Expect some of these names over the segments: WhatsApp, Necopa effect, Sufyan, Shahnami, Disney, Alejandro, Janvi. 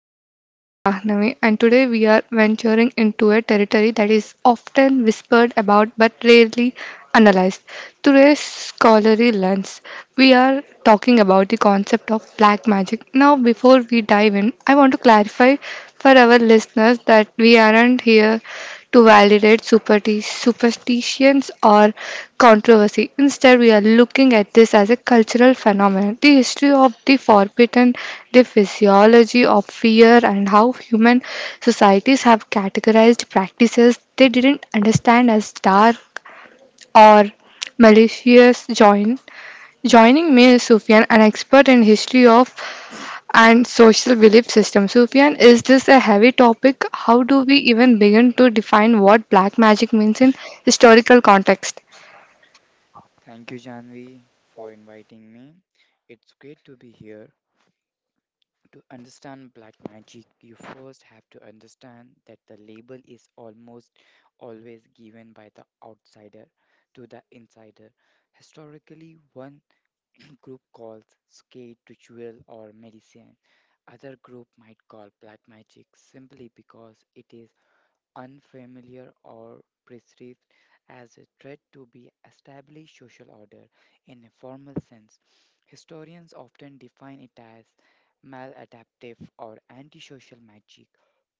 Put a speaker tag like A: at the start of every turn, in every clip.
A: I'm your host Shahnami, and today we are venturing into a territory that is often whispered about but rarely analyzed. Today's scholarly lens, we are talking about the concept of black magic. Now, before we dive in, I want to clarify for our listeners that we aren't here to validate superstitions or controversy. Instead, we are looking at this as a cultural phenomenon, the history of the forbidden, the physiology of fear, and how human societies have categorized practices they didn't understand as dark or malicious. Joining me is Sufyan, an expert in history of and social belief system. Sufyan, is this a heavy topic? How do we even begin to define what black magic means in historical context?
B: Thank you, Janvi, for inviting me. It's great to be here. To understand black magic, you first have to understand that the label is almost always given by the outsider to the insider. Historically, one group calls skate ritual or medicine. Other group might call black magic simply because it is unfamiliar or perceived as a threat to be established social order in a formal sense. Historians often define it as maladaptive or antisocial magic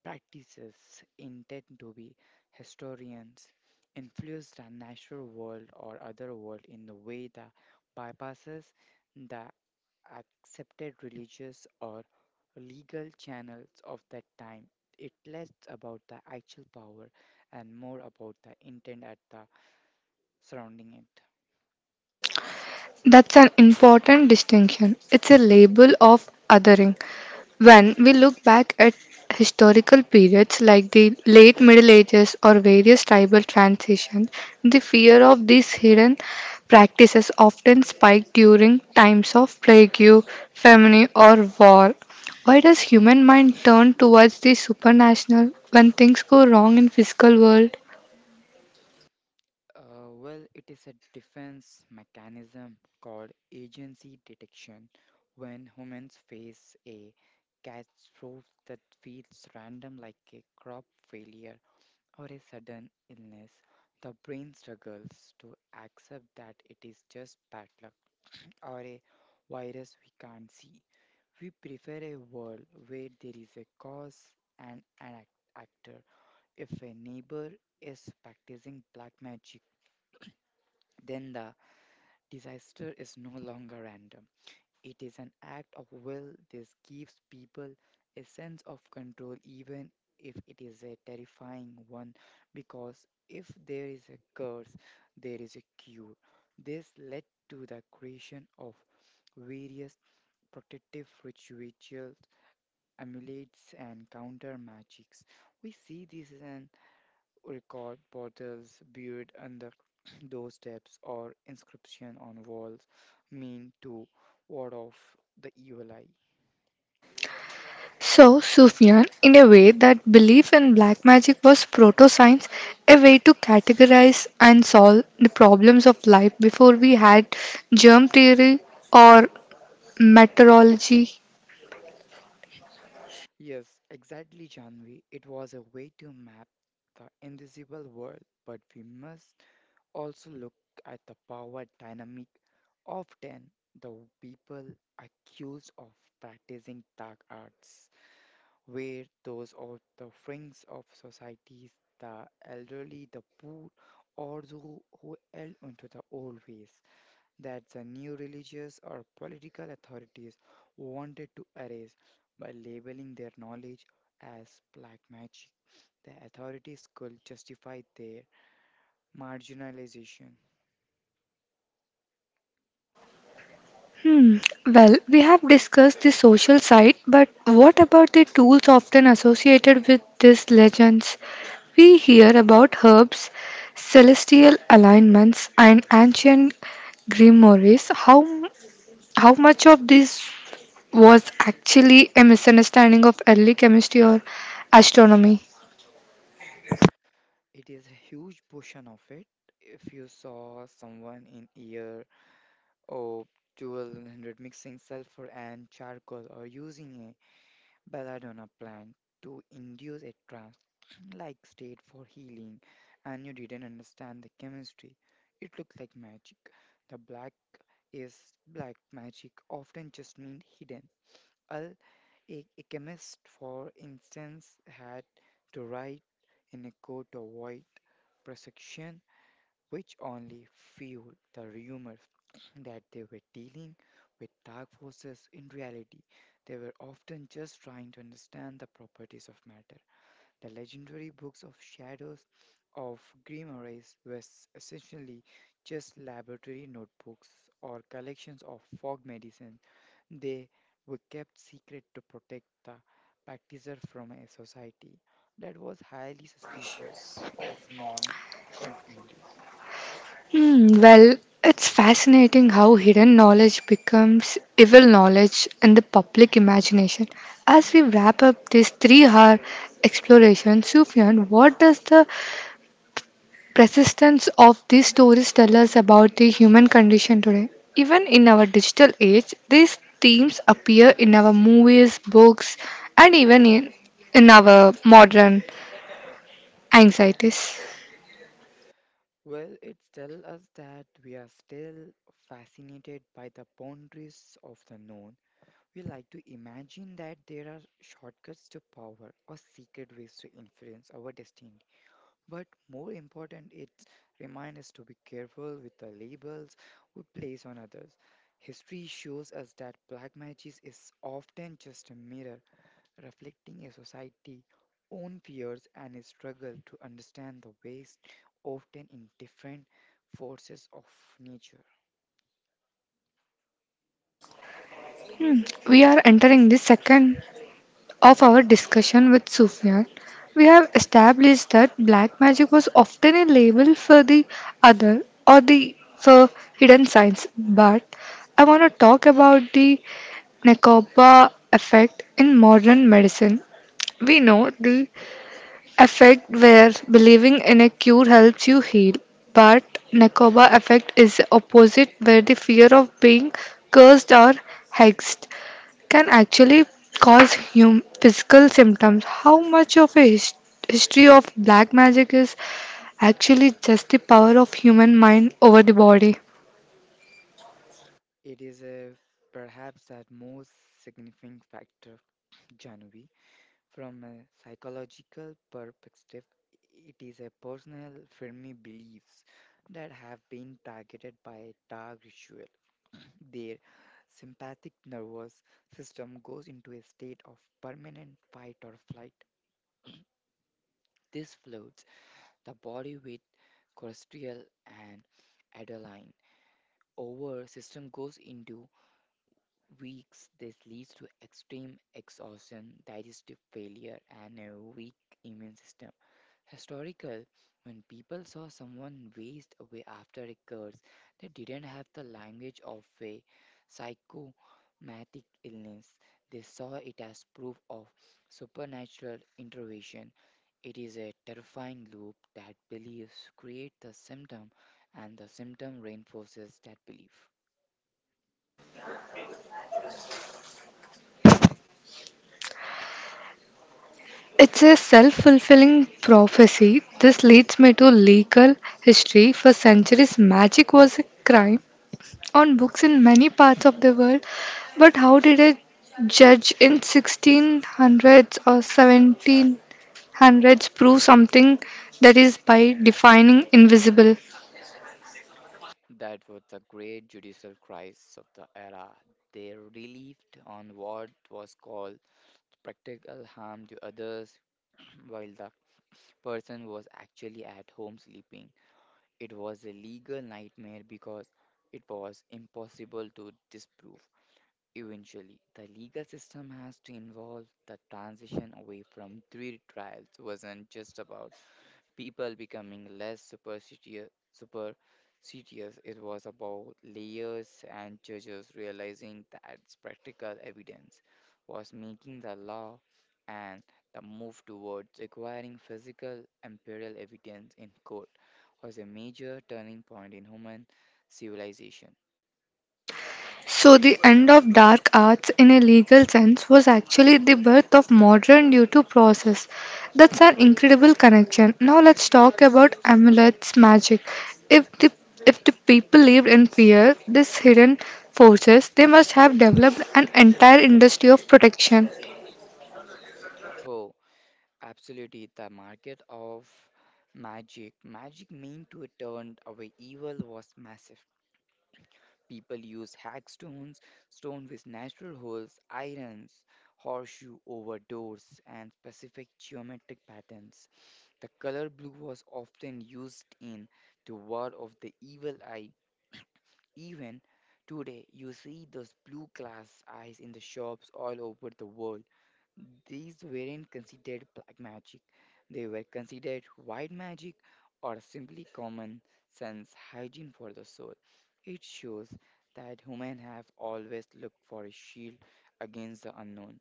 B: practices intend to be historians influence the natural world or other world in a way that bypasses the accepted religious or legal channels of that time. It less about the actual power and more about the intent at the surrounding it.
A: That's an important distinction. It's a label of othering. When we look back at historical periods like the late Middle Ages or various tribal transitions, the fear of these hidden practices often spiked during times of plague, famine, or war. Why does human mind turn towards the supernatural when things go wrong in physical world?
B: Well, it is a defense mechanism called agency detection. When humans face a catastrophe that feels random like a crop failure or a sudden illness, the brain struggles to accept that it is just bad luck or a virus we can't see. We prefer a world where there is a cause and an actor. If a neighbor is practicing black magic, then the disaster is no longer random. It is an act of will. This gives people a sense of control, even if it is a terrifying one, because if there is a curse, there is a cure. This led to the creation of various protective rituals, amulets, and counter magics. We see this as an record bottles buried under doorsteps or inscription on walls meant to ward off the evil eye.
A: So, Sufyan, in a way, that belief in black magic was proto science, a way to categorize and solve the problems of life before we had germ theory or meteorology.
B: Yes, exactly, Janvi. It was a way to map the invisible world, but we must also look at the power dynamic. Often, the people accused of practicing dark arts where those on the fringes of societies, the elderly, the poor, or those who held onto the old ways that the new religious or political authorities wanted to erase by labeling their knowledge as black magic. The authorities could justify their marginalization.
A: Hmm. Well, we have discussed the social side, but what about the tools often associated with these legends? We hear about herbs, celestial alignments, and ancient grimoires. How much of this was actually a misunderstanding of early chemistry or astronomy?
B: It is a huge portion of it. If you saw someone in year or dual mixing sulfur and charcoal or using a belladonna plant to induce a trance like state for healing and you didn't understand the chemistry it looked like magic the black is black magic often just means hidden Al, a chemist for instance had to write in a coat to avoid prosecution which only fueled the rumors that they were dealing with dark forces. In reality, they were often just trying to understand the properties of matter. The legendary books of shadows of grimoires were essentially just laboratory notebooks or collections of fog medicine. They were kept secret to protect the practitioner from a society that was highly suspicious of non conformity.
A: Hmm, well, it's fascinating how hidden knowledge becomes evil knowledge in the public imagination. As we wrap up this 3 hour exploration, Sufyan, what does the persistence of these stories tell us about the human condition today? Even in our digital age, these themes appear in our movies, books, and even in our modern anxieties.
B: Well, it tells us that we are still fascinated by the boundaries of the known. We like to imagine that there are shortcuts to power or secret ways to influence our destiny. But more important, it reminds us to be careful with the labels we place on others. History shows us that black magic is often just a mirror reflecting a society's own fears and a struggle to understand the ways, often in different forces of nature.
A: Hmm. We are entering the second of our discussion with Sufyan, we have established that black magic was often a label for the other or the for hidden signs. But I want to talk about the Necopa effect in modern medicine. We know the effect where believing in a cure helps you heal, but nakoba effect is the opposite, where the fear of being cursed or hexed can actually cause physical symptoms. How much of a history of black magic is actually just the power of human mind over the body?
B: It is a, perhaps the most significant factor, January. From a psychological perspective, it is a personal firmly beliefs that have been targeted by a dark ritual. Their sympathetic nervous system goes into a state of permanent fight or flight. This floats the body with cholesterol and adrenaline over system goes into weeks. This leads to extreme exhaustion, digestive failure, and a weak immune system. Historical, when people saw someone waste away after a curse, they didn't have the language of a psychomatic illness. They saw it as proof of supernatural intervention. It is a terrifying loop that beliefs create the symptom and the symptom reinforces that belief.
A: It's a self-fulfilling prophecy. This leads me to legal history. For centuries, magic was a crime on books in many parts of the world, but how did a judge in 1600s or 1700s prove something that is by defining invisible?
B: That was the great judicial crisis of the era. They relieved on what was called practical harm to others while the person was actually at home sleeping. It was a legal nightmare because it was impossible to disprove. Eventually, the legal system has to involve the transition away from three trials wasn't just about people becoming less superstitious. It was about layers and judges realizing that practical evidence was making the law and the move towards requiring physical empirical evidence in court was a major turning point in human civilization.
A: So, the end of dark arts in a legal sense was actually the birth of modern due to process. That's an incredible connection. Now, let's talk about amulets magic. If the if the people lived in fear, these hidden forces, they must have developed an entire industry of protection.
B: Oh, absolutely, the market of magic. Magic meant to turn away evil was massive. People used hack stones, stone with natural holes, irons, horseshoe over doors, and specific geometric patterns. The color blue was often used in the word of the evil eye. Even today, you see those blue glass eyes in the shops all over the world. These weren't considered black magic, they were considered white magic or simply common sense hygiene for the soul. It shows that humans have always looked for a shield against the unknown.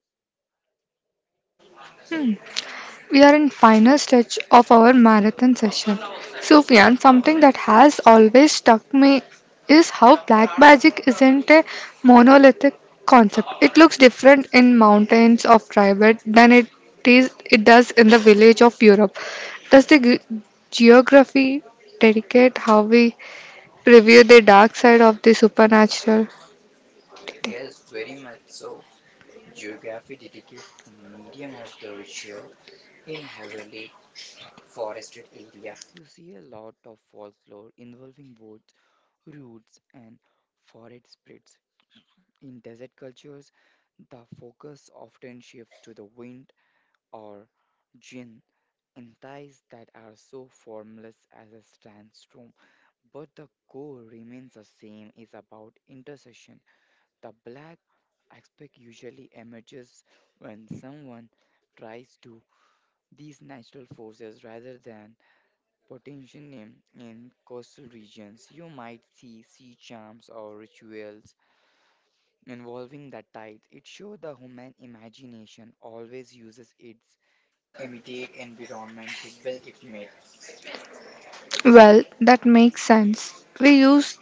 A: We are in final stretch of our marathon session. Sufyan, something that has always struck me is how black magic isn't a monolithic concept. It looks different in mountains of Tibet than it is it does in the village of Europe. Does the geography dedicate how we preview the dark side of the supernatural?
B: Yes, very much so. Geography dedicates the medium of the ritual in heavily forested area. You see a lot of folklore involving woods, roots, and forest spirits. In desert cultures, the focus often shifts to the wind or jinn and ties that are so formless as a sandstorm, but the core remains the same is about intercession. The black aspect usually emerges when someone tries to these natural forces rather than potential in coastal regions. You might see sea charms or rituals involving that tithe. It shows the human imagination always uses its immediate environment to build its myths.
A: Well, that makes sense. We use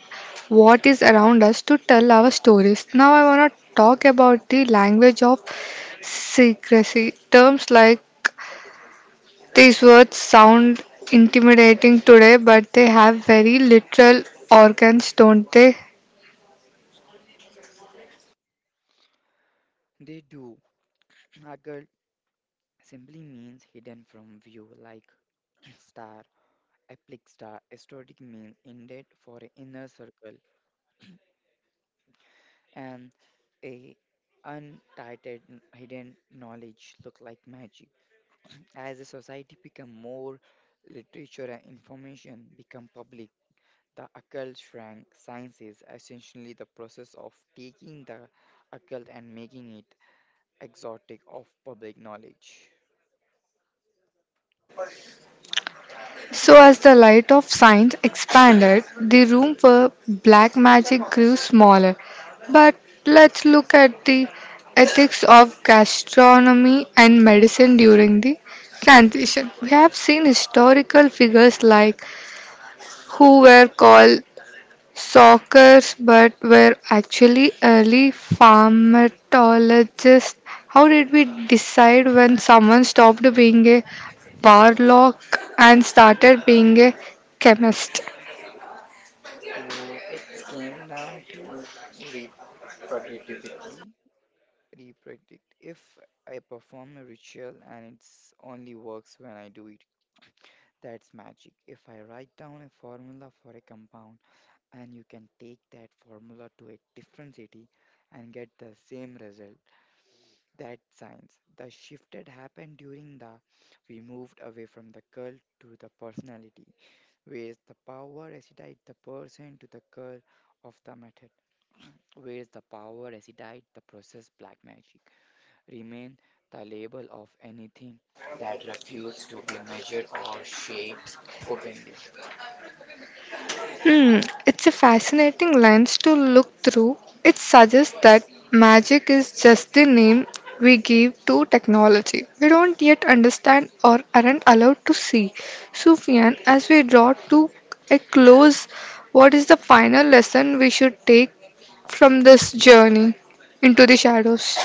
A: what is around us to tell our stories. Now, I want to talk about the language of secrecy. Terms like these words sound intimidating today, but they have very literal organs, don't they?
B: They do. Nagel simply means hidden from view, like star, epic star. Esoteric means intended for an inner circle, and a untitled hidden knowledge look like magic. As a society become more literature and information become public. The occult shrank. Science is essentially the process of taking the occult and making it exotic of public knowledge.
A: So, as the light of science expanded, the room for black magic grew smaller. But let's look at the ethics of gastronomy and medicine during the transition. We have seen historical figures like who were called Sockers, but were actually early pharmacologists. How did we decide when someone stopped being a warlock and started being a chemist?
B: Oh, it came down to reproducibility. Reproduct. If I perform a ritual and it's only works when I do it, that's magic. If I write down a formula for a compound and you can take that formula to a different city and get the same result, that science. The shift had happened during the we moved away from the cult to the personality, where the power resides the person to the cult of the method, where the power resides the process black magic remain the label of anything that refused to be measured or shared openly.
A: Hmm, it's a fascinating lens to look through. It suggests that magic is just the name we give to technology. We don't yet understand or aren't allowed to see. Sufyan, as we draw to a close, what is the final lesson we should take from this journey into the shadows?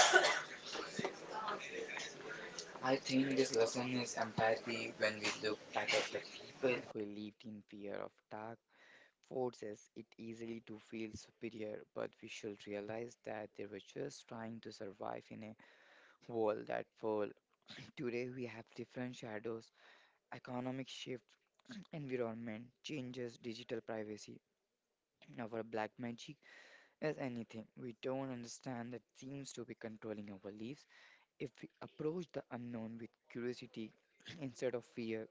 B: I think this lesson is empathy when we look back at the people who lived in fear of dark forces it easily to feel superior, but we should realize that they were just trying to survive in a world that full. Today, we have different shadows, economic shift, environment changes, digital privacy. Our black magic is anything we don't understand that seems to be controlling our lives. If we approach the unknown with curiosity instead of fear,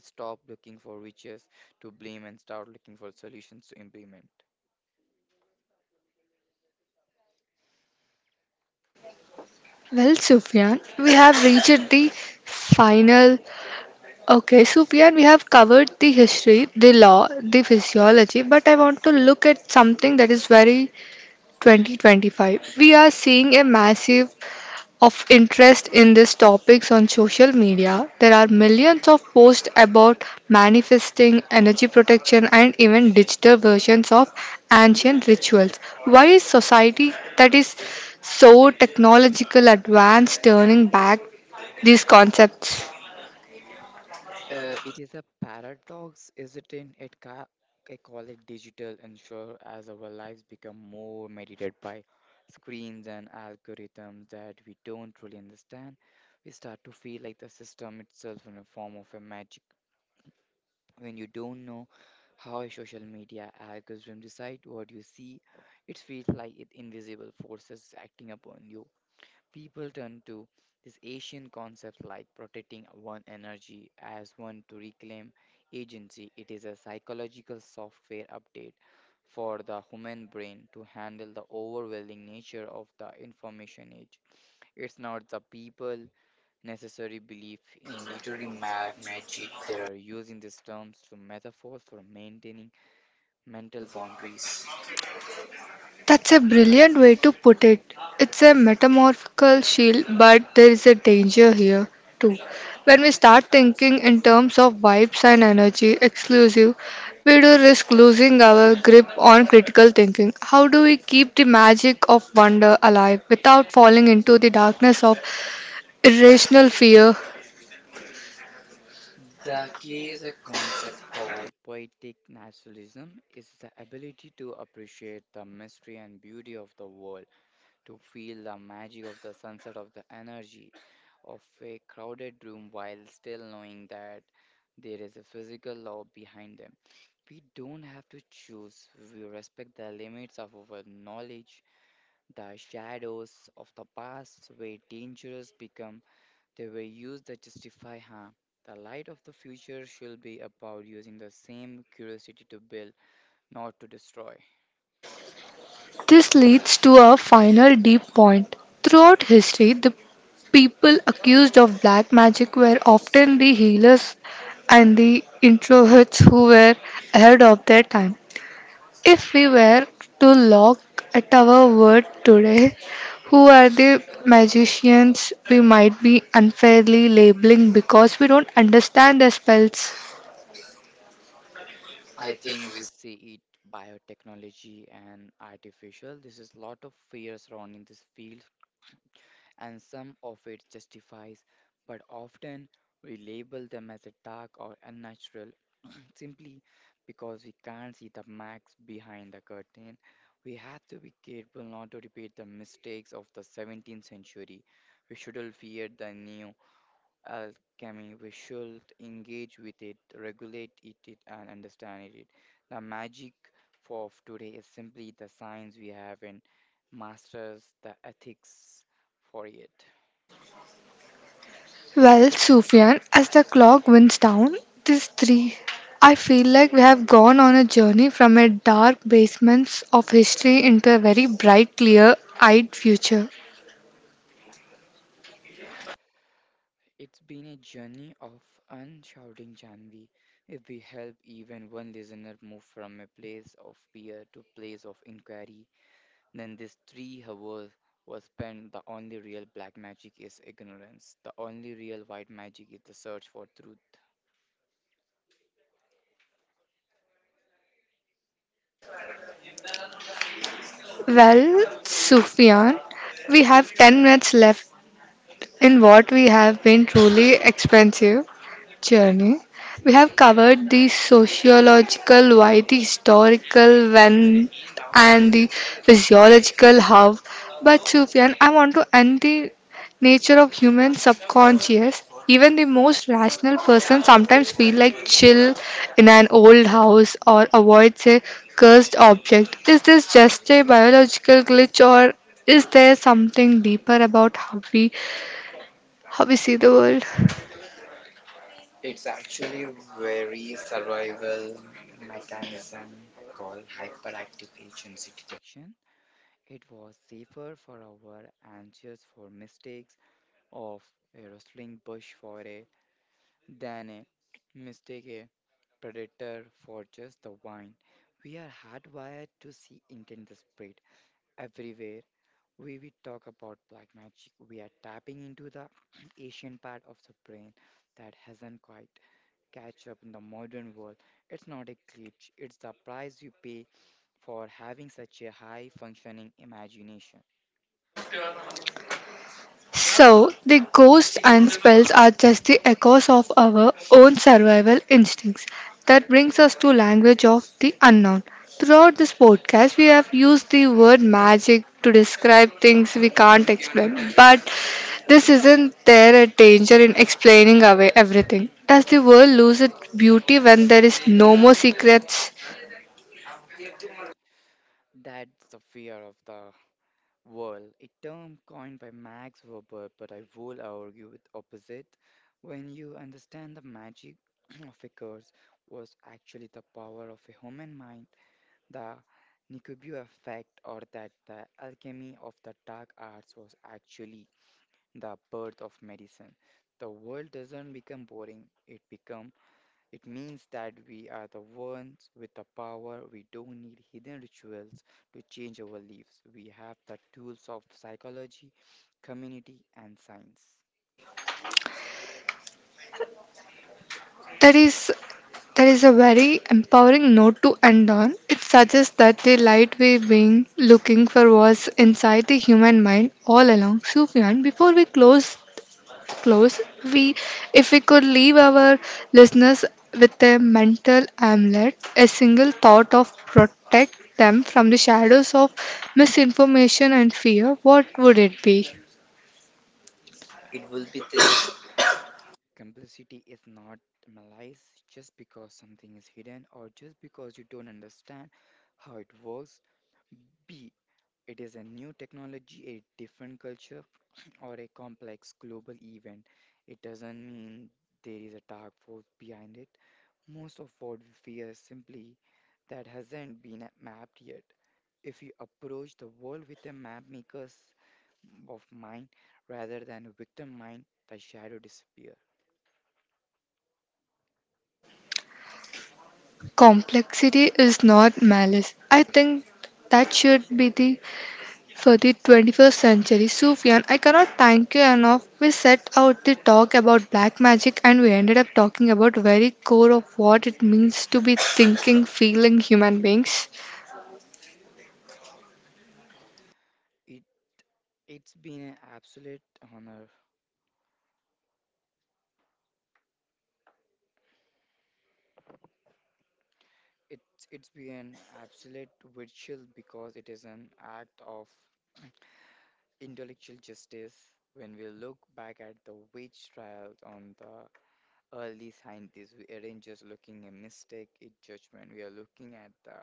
B: stop looking for riches to blame and start looking for solutions to implement.
A: Well, Sufyan, we have reached the final. Okay, so Fian, we have covered the history, the law, the physiology, but I want to look at something that is very 2025. We are seeing a massive of interest in these topics on social media. There are millions of posts about manifesting, energy protection, and even digital versions of ancient rituals. Why is society that is so technological advanced turning back these concepts?
B: It is a paradox, isn't it? I call it digital ensure as our lives become more mediated by screens and algorithms that we don't truly understand. We start to feel like the system itself in a form of a magic when you don't know how a social media algorithm decide what you see. It feels like it invisible forces acting upon you people turn to these Asian concepts like protecting one energy as one to reclaim agency. It is a psychological software update for the human brain to handle the overwhelming nature of the information age. It's not the people necessary belief in literary magic. They are using these terms to metaphors for maintaining mental boundaries.
A: That's a brilliant way to put it. It's a metamorphical shield, but there is a danger here too. When we start thinking in terms of vibes and energy exclusive, we do risk losing our grip on critical thinking. How do we keep the magic of wonder alive without falling into the darkness of irrational fear?
B: The key is a concept called poetic naturalism. It's the ability to appreciate the mystery and beauty of the world, to feel the magic of the sunset, of the energy of a crowded room while still knowing that there is a physical law behind them. We don't have to choose, we respect the limits of our knowledge. The shadows of the past were dangerous become they were used to justify harm. The light of the future shall be about using the same curiosity to build, not to destroy.
A: This leads to our final deep point. Throughout history, the people accused of black magic were often the healers and the introverts who were ahead of their time. If we were to look at our world today, who are the magicians we might be unfairly labeling because we don't understand their spells?
B: I think we see it biotechnology and artificial. This is lot of fear surrounding this field and some of it justifies, but often we label them as a dark or unnatural simply because we can't see the max behind the curtain. We have to be careful not to repeat the mistakes of the 17th century. We shouldn't fear the new alchemy. We should engage with regulate it, and understand it. The magic for of today is simply the science we have and masters the ethics for it.
A: Well, Sufyan, as the clock winds down, these three, I feel like we have gone on a journey from a dark basements of history into a very bright, clear-eyed future.
B: It's been a journey of unshouting Janvi. If we help even one listener move from a place of fear to place of inquiry, then this 3 hours was spent. The only real black magic is ignorance. The only real white magic is the search for truth.
A: Well, Sufyan, we have 10 minutes left in what we have been truly expensive journey. We have covered the sociological why, the historical when, and the physiological how. But Sufyan, I want to end the nature of human subconscious. Even the most rational person sometimes feel like chill in an old house or avoids a cursed object. Is this just a biological glitch or is there something deeper about how we see the world?
B: It's actually a very survival mechanism called hyperactive agency detection. It was safer for our anxious for mistakes of a rustling bush for a than a mistake a predator for just the wine. We are hardwired to see intent the spirit. Everywhere we talk about black magic, we are tapping into the Asian part of the brain that hasn't quite catch up in the modern world. It's not a glitch, it's the price you pay for having such a high functioning imagination.
A: So, the ghosts and spells are just the echoes of our own survival instincts. That brings us to language of the unknown. Throughout this podcast, we have used the word magic to describe things we can't explain. But this isn't there a danger in explaining away everything? Does the world lose its beauty when there is no more secrets?
B: That's the fear of the. Well, a term coined by Max Weber, but I will argue with opposite. When you understand the magic of a curse was actually the power of a human mind, the Nikubu effect, or that the alchemy of the dark arts was actually the birth of medicine. The world doesn't become boring, it becomes it means that we are the ones with the power. We don't need hidden rituals to change our lives. We have the tools of psychology, community, and science.
A: That is that is a very empowering note to end on. It suggests that the light we've been looking for was inside the human mind all along. Sufyan, before we close, we if we could leave our listeners with a mental amulet, a single thought of protect them from the shadows of misinformation and fear, what would it be?
B: It will be the. Complicity is not malice just because something is hidden or just because you don't understand how it works. B. It is a new technology, a different culture, or a complex global event, it doesn't mean there is a dark force behind it. Most of what we fear is simply that hasn't been mapped yet. If you approach the world with a map maker's of mind rather than a victim mind, the shadow disappear.
A: Complexity is not malice. I think that should be the for the 21st century. Sufyan, I cannot thank you enough. We set out the talk about black magic and we ended up talking about very core of what it means to be thinking, feeling human beings.
B: It it's been an absolute honor. It's been an absolute virtual, because it is an act of intellectual justice. When we look back at the witch trials on the early scientists, we aren't just looking at mistake in judgment, we are looking at the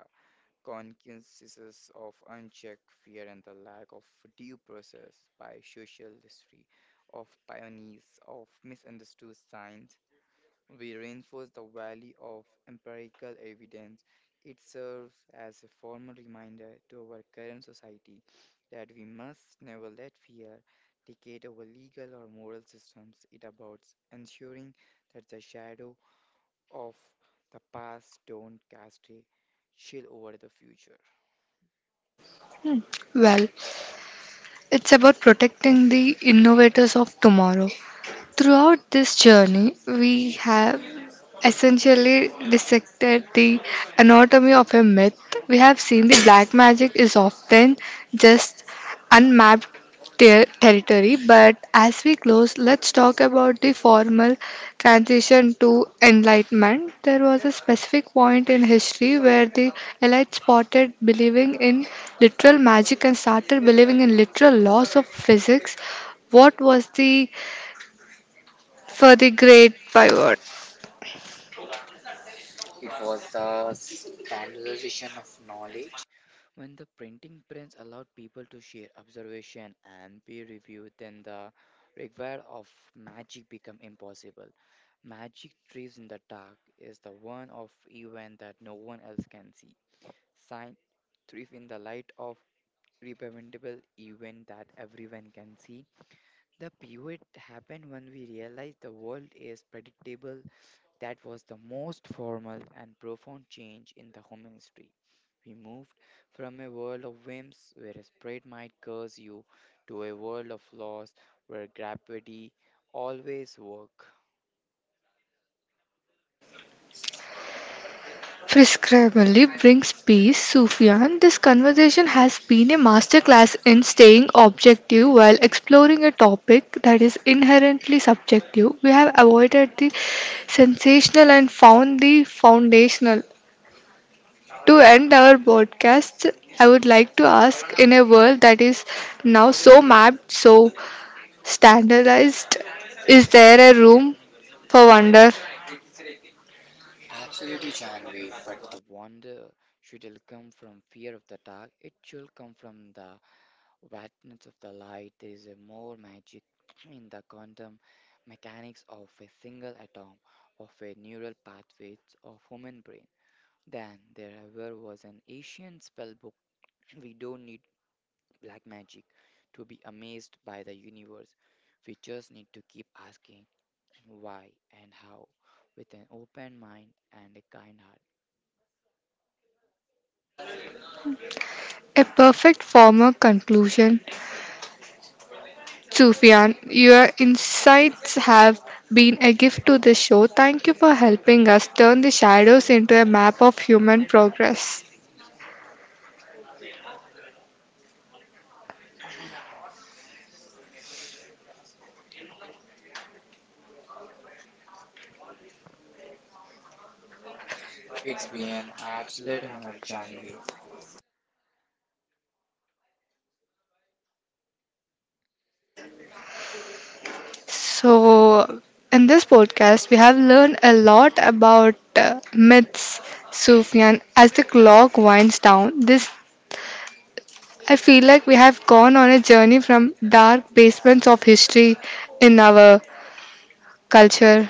B: consequences of unchecked fear and the lack of due process. By social history of pioneers of misunderstood science, we reinforce the value of empirical evidence. It serves as a formal reminder to our current society that we must never let fear dictate our legal or moral systems. It about ensuring that the shadow of the past don't cast a chill over the future.
A: Well, it's about protecting the innovators of tomorrow. Throughout this journey, we have essentially dissected the anatomy of a myth, we have seen the black magic is often just unmapped territory. But as we close, let's talk about the formal transition to enlightenment. There was a specific point in history where the elite spotted believing in literal magic and started believing in literal laws of physics. What was the for the great pivot?
B: It was the standardization of knowledge. When the printing press allowed people to share observation and peer review, then the required of magic become impossible. Magic thrives in the dark is the one of event that no one else can see. Science thrives in the light of repreventable event that everyone can see. The pivot happened when we realized the world is predictable, that was the most formal and profound change in the home industry. We moved from a world of whims where a sprite might curse you to a world of laws where gravity always work.
A: Prescribably brings peace, Sufyan. This conversation has been a masterclass in staying objective while exploring a topic that is inherently subjective. We have avoided the sensational and found the foundational. To end our podcast, I would like to ask in a world that is now so mapped, so standardized, is there a room for wonder?
B: Absolutely, Janvi, but the wonder shouldn't come from fear of the dark. It should come from the vastness of the light. There is a more magic in the quantum mechanics of a single atom, of a neural pathways of human brain. Then, there ever was an Asian spell book. We don't need black magic to be amazed by the universe. We just need to keep asking why and how with an open mind and a kind heart.
A: A perfect form of conclusion. Sufyan, your insights have been a gift to the show. Thank you for helping us turn the shadows into a map of human progress.
B: It's been an absolute honor, Janvi.
A: So, in this podcast, we have learned a lot about myths, Sufyan. As the clock winds down, this I feel like we have gone on a journey from dark basements of history in our culture.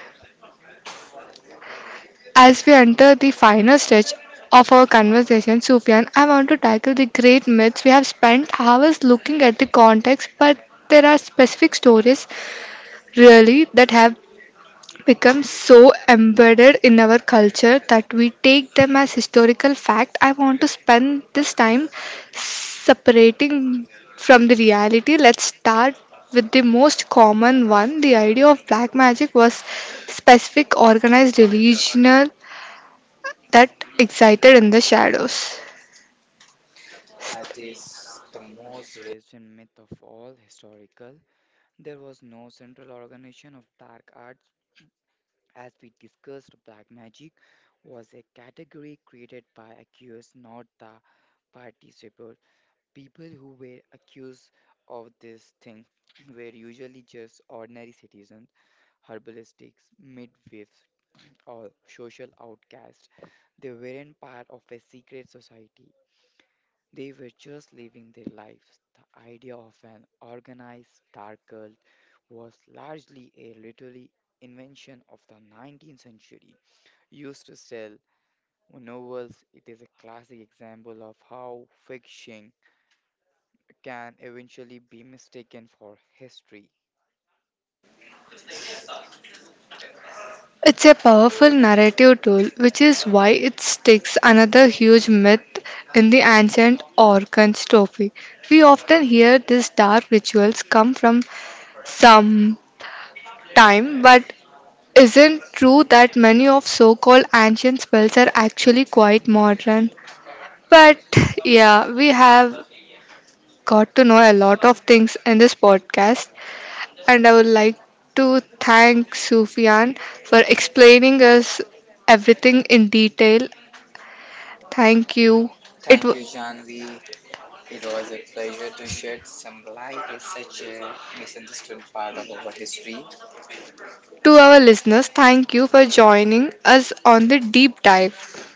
A: As we enter the final stage of our conversation, Sufyan, I want to tackle the great myths. We have spent hours looking at the context, but there are specific stories really that have become so embedded in our culture that we take them as historical fact. I want to spend this time separating from the reality. Let's start with the most common one. The idea of black magic was specific organized religion that excited in the shadows.
B: That is the most recent myth of all historical. There was no central organization of dark arts. As we discussed, black magic was a category created by accused, not the participants. People who were accused of this thing were usually just ordinary citizens, herbalistics, midwives, or social outcasts. They weren't part of a secret society. They were just living their lives. The idea of an organized dark cult was largely a literary invention of the 19th century. Used to sell novels, it is a classic example of how fiction can eventually be mistaken for history.
A: It's a powerful narrative tool, which is why it sticks another huge myth in the ancient Orkhan's trophy. We often hear these dark rituals come from some time, but isn't true that many of so-called ancient spells are actually quite modern. But yeah, we have got to know a lot of things in this podcast, and I would like to thank Sufyan for explaining us everything in detail. Thank you. It
B: Thank
A: wa-
B: you, Janvi. It was a beautiful session. Sunlight is such a misunderstood part of our history.
A: to our listeners, thank you for joining us on the deep dive.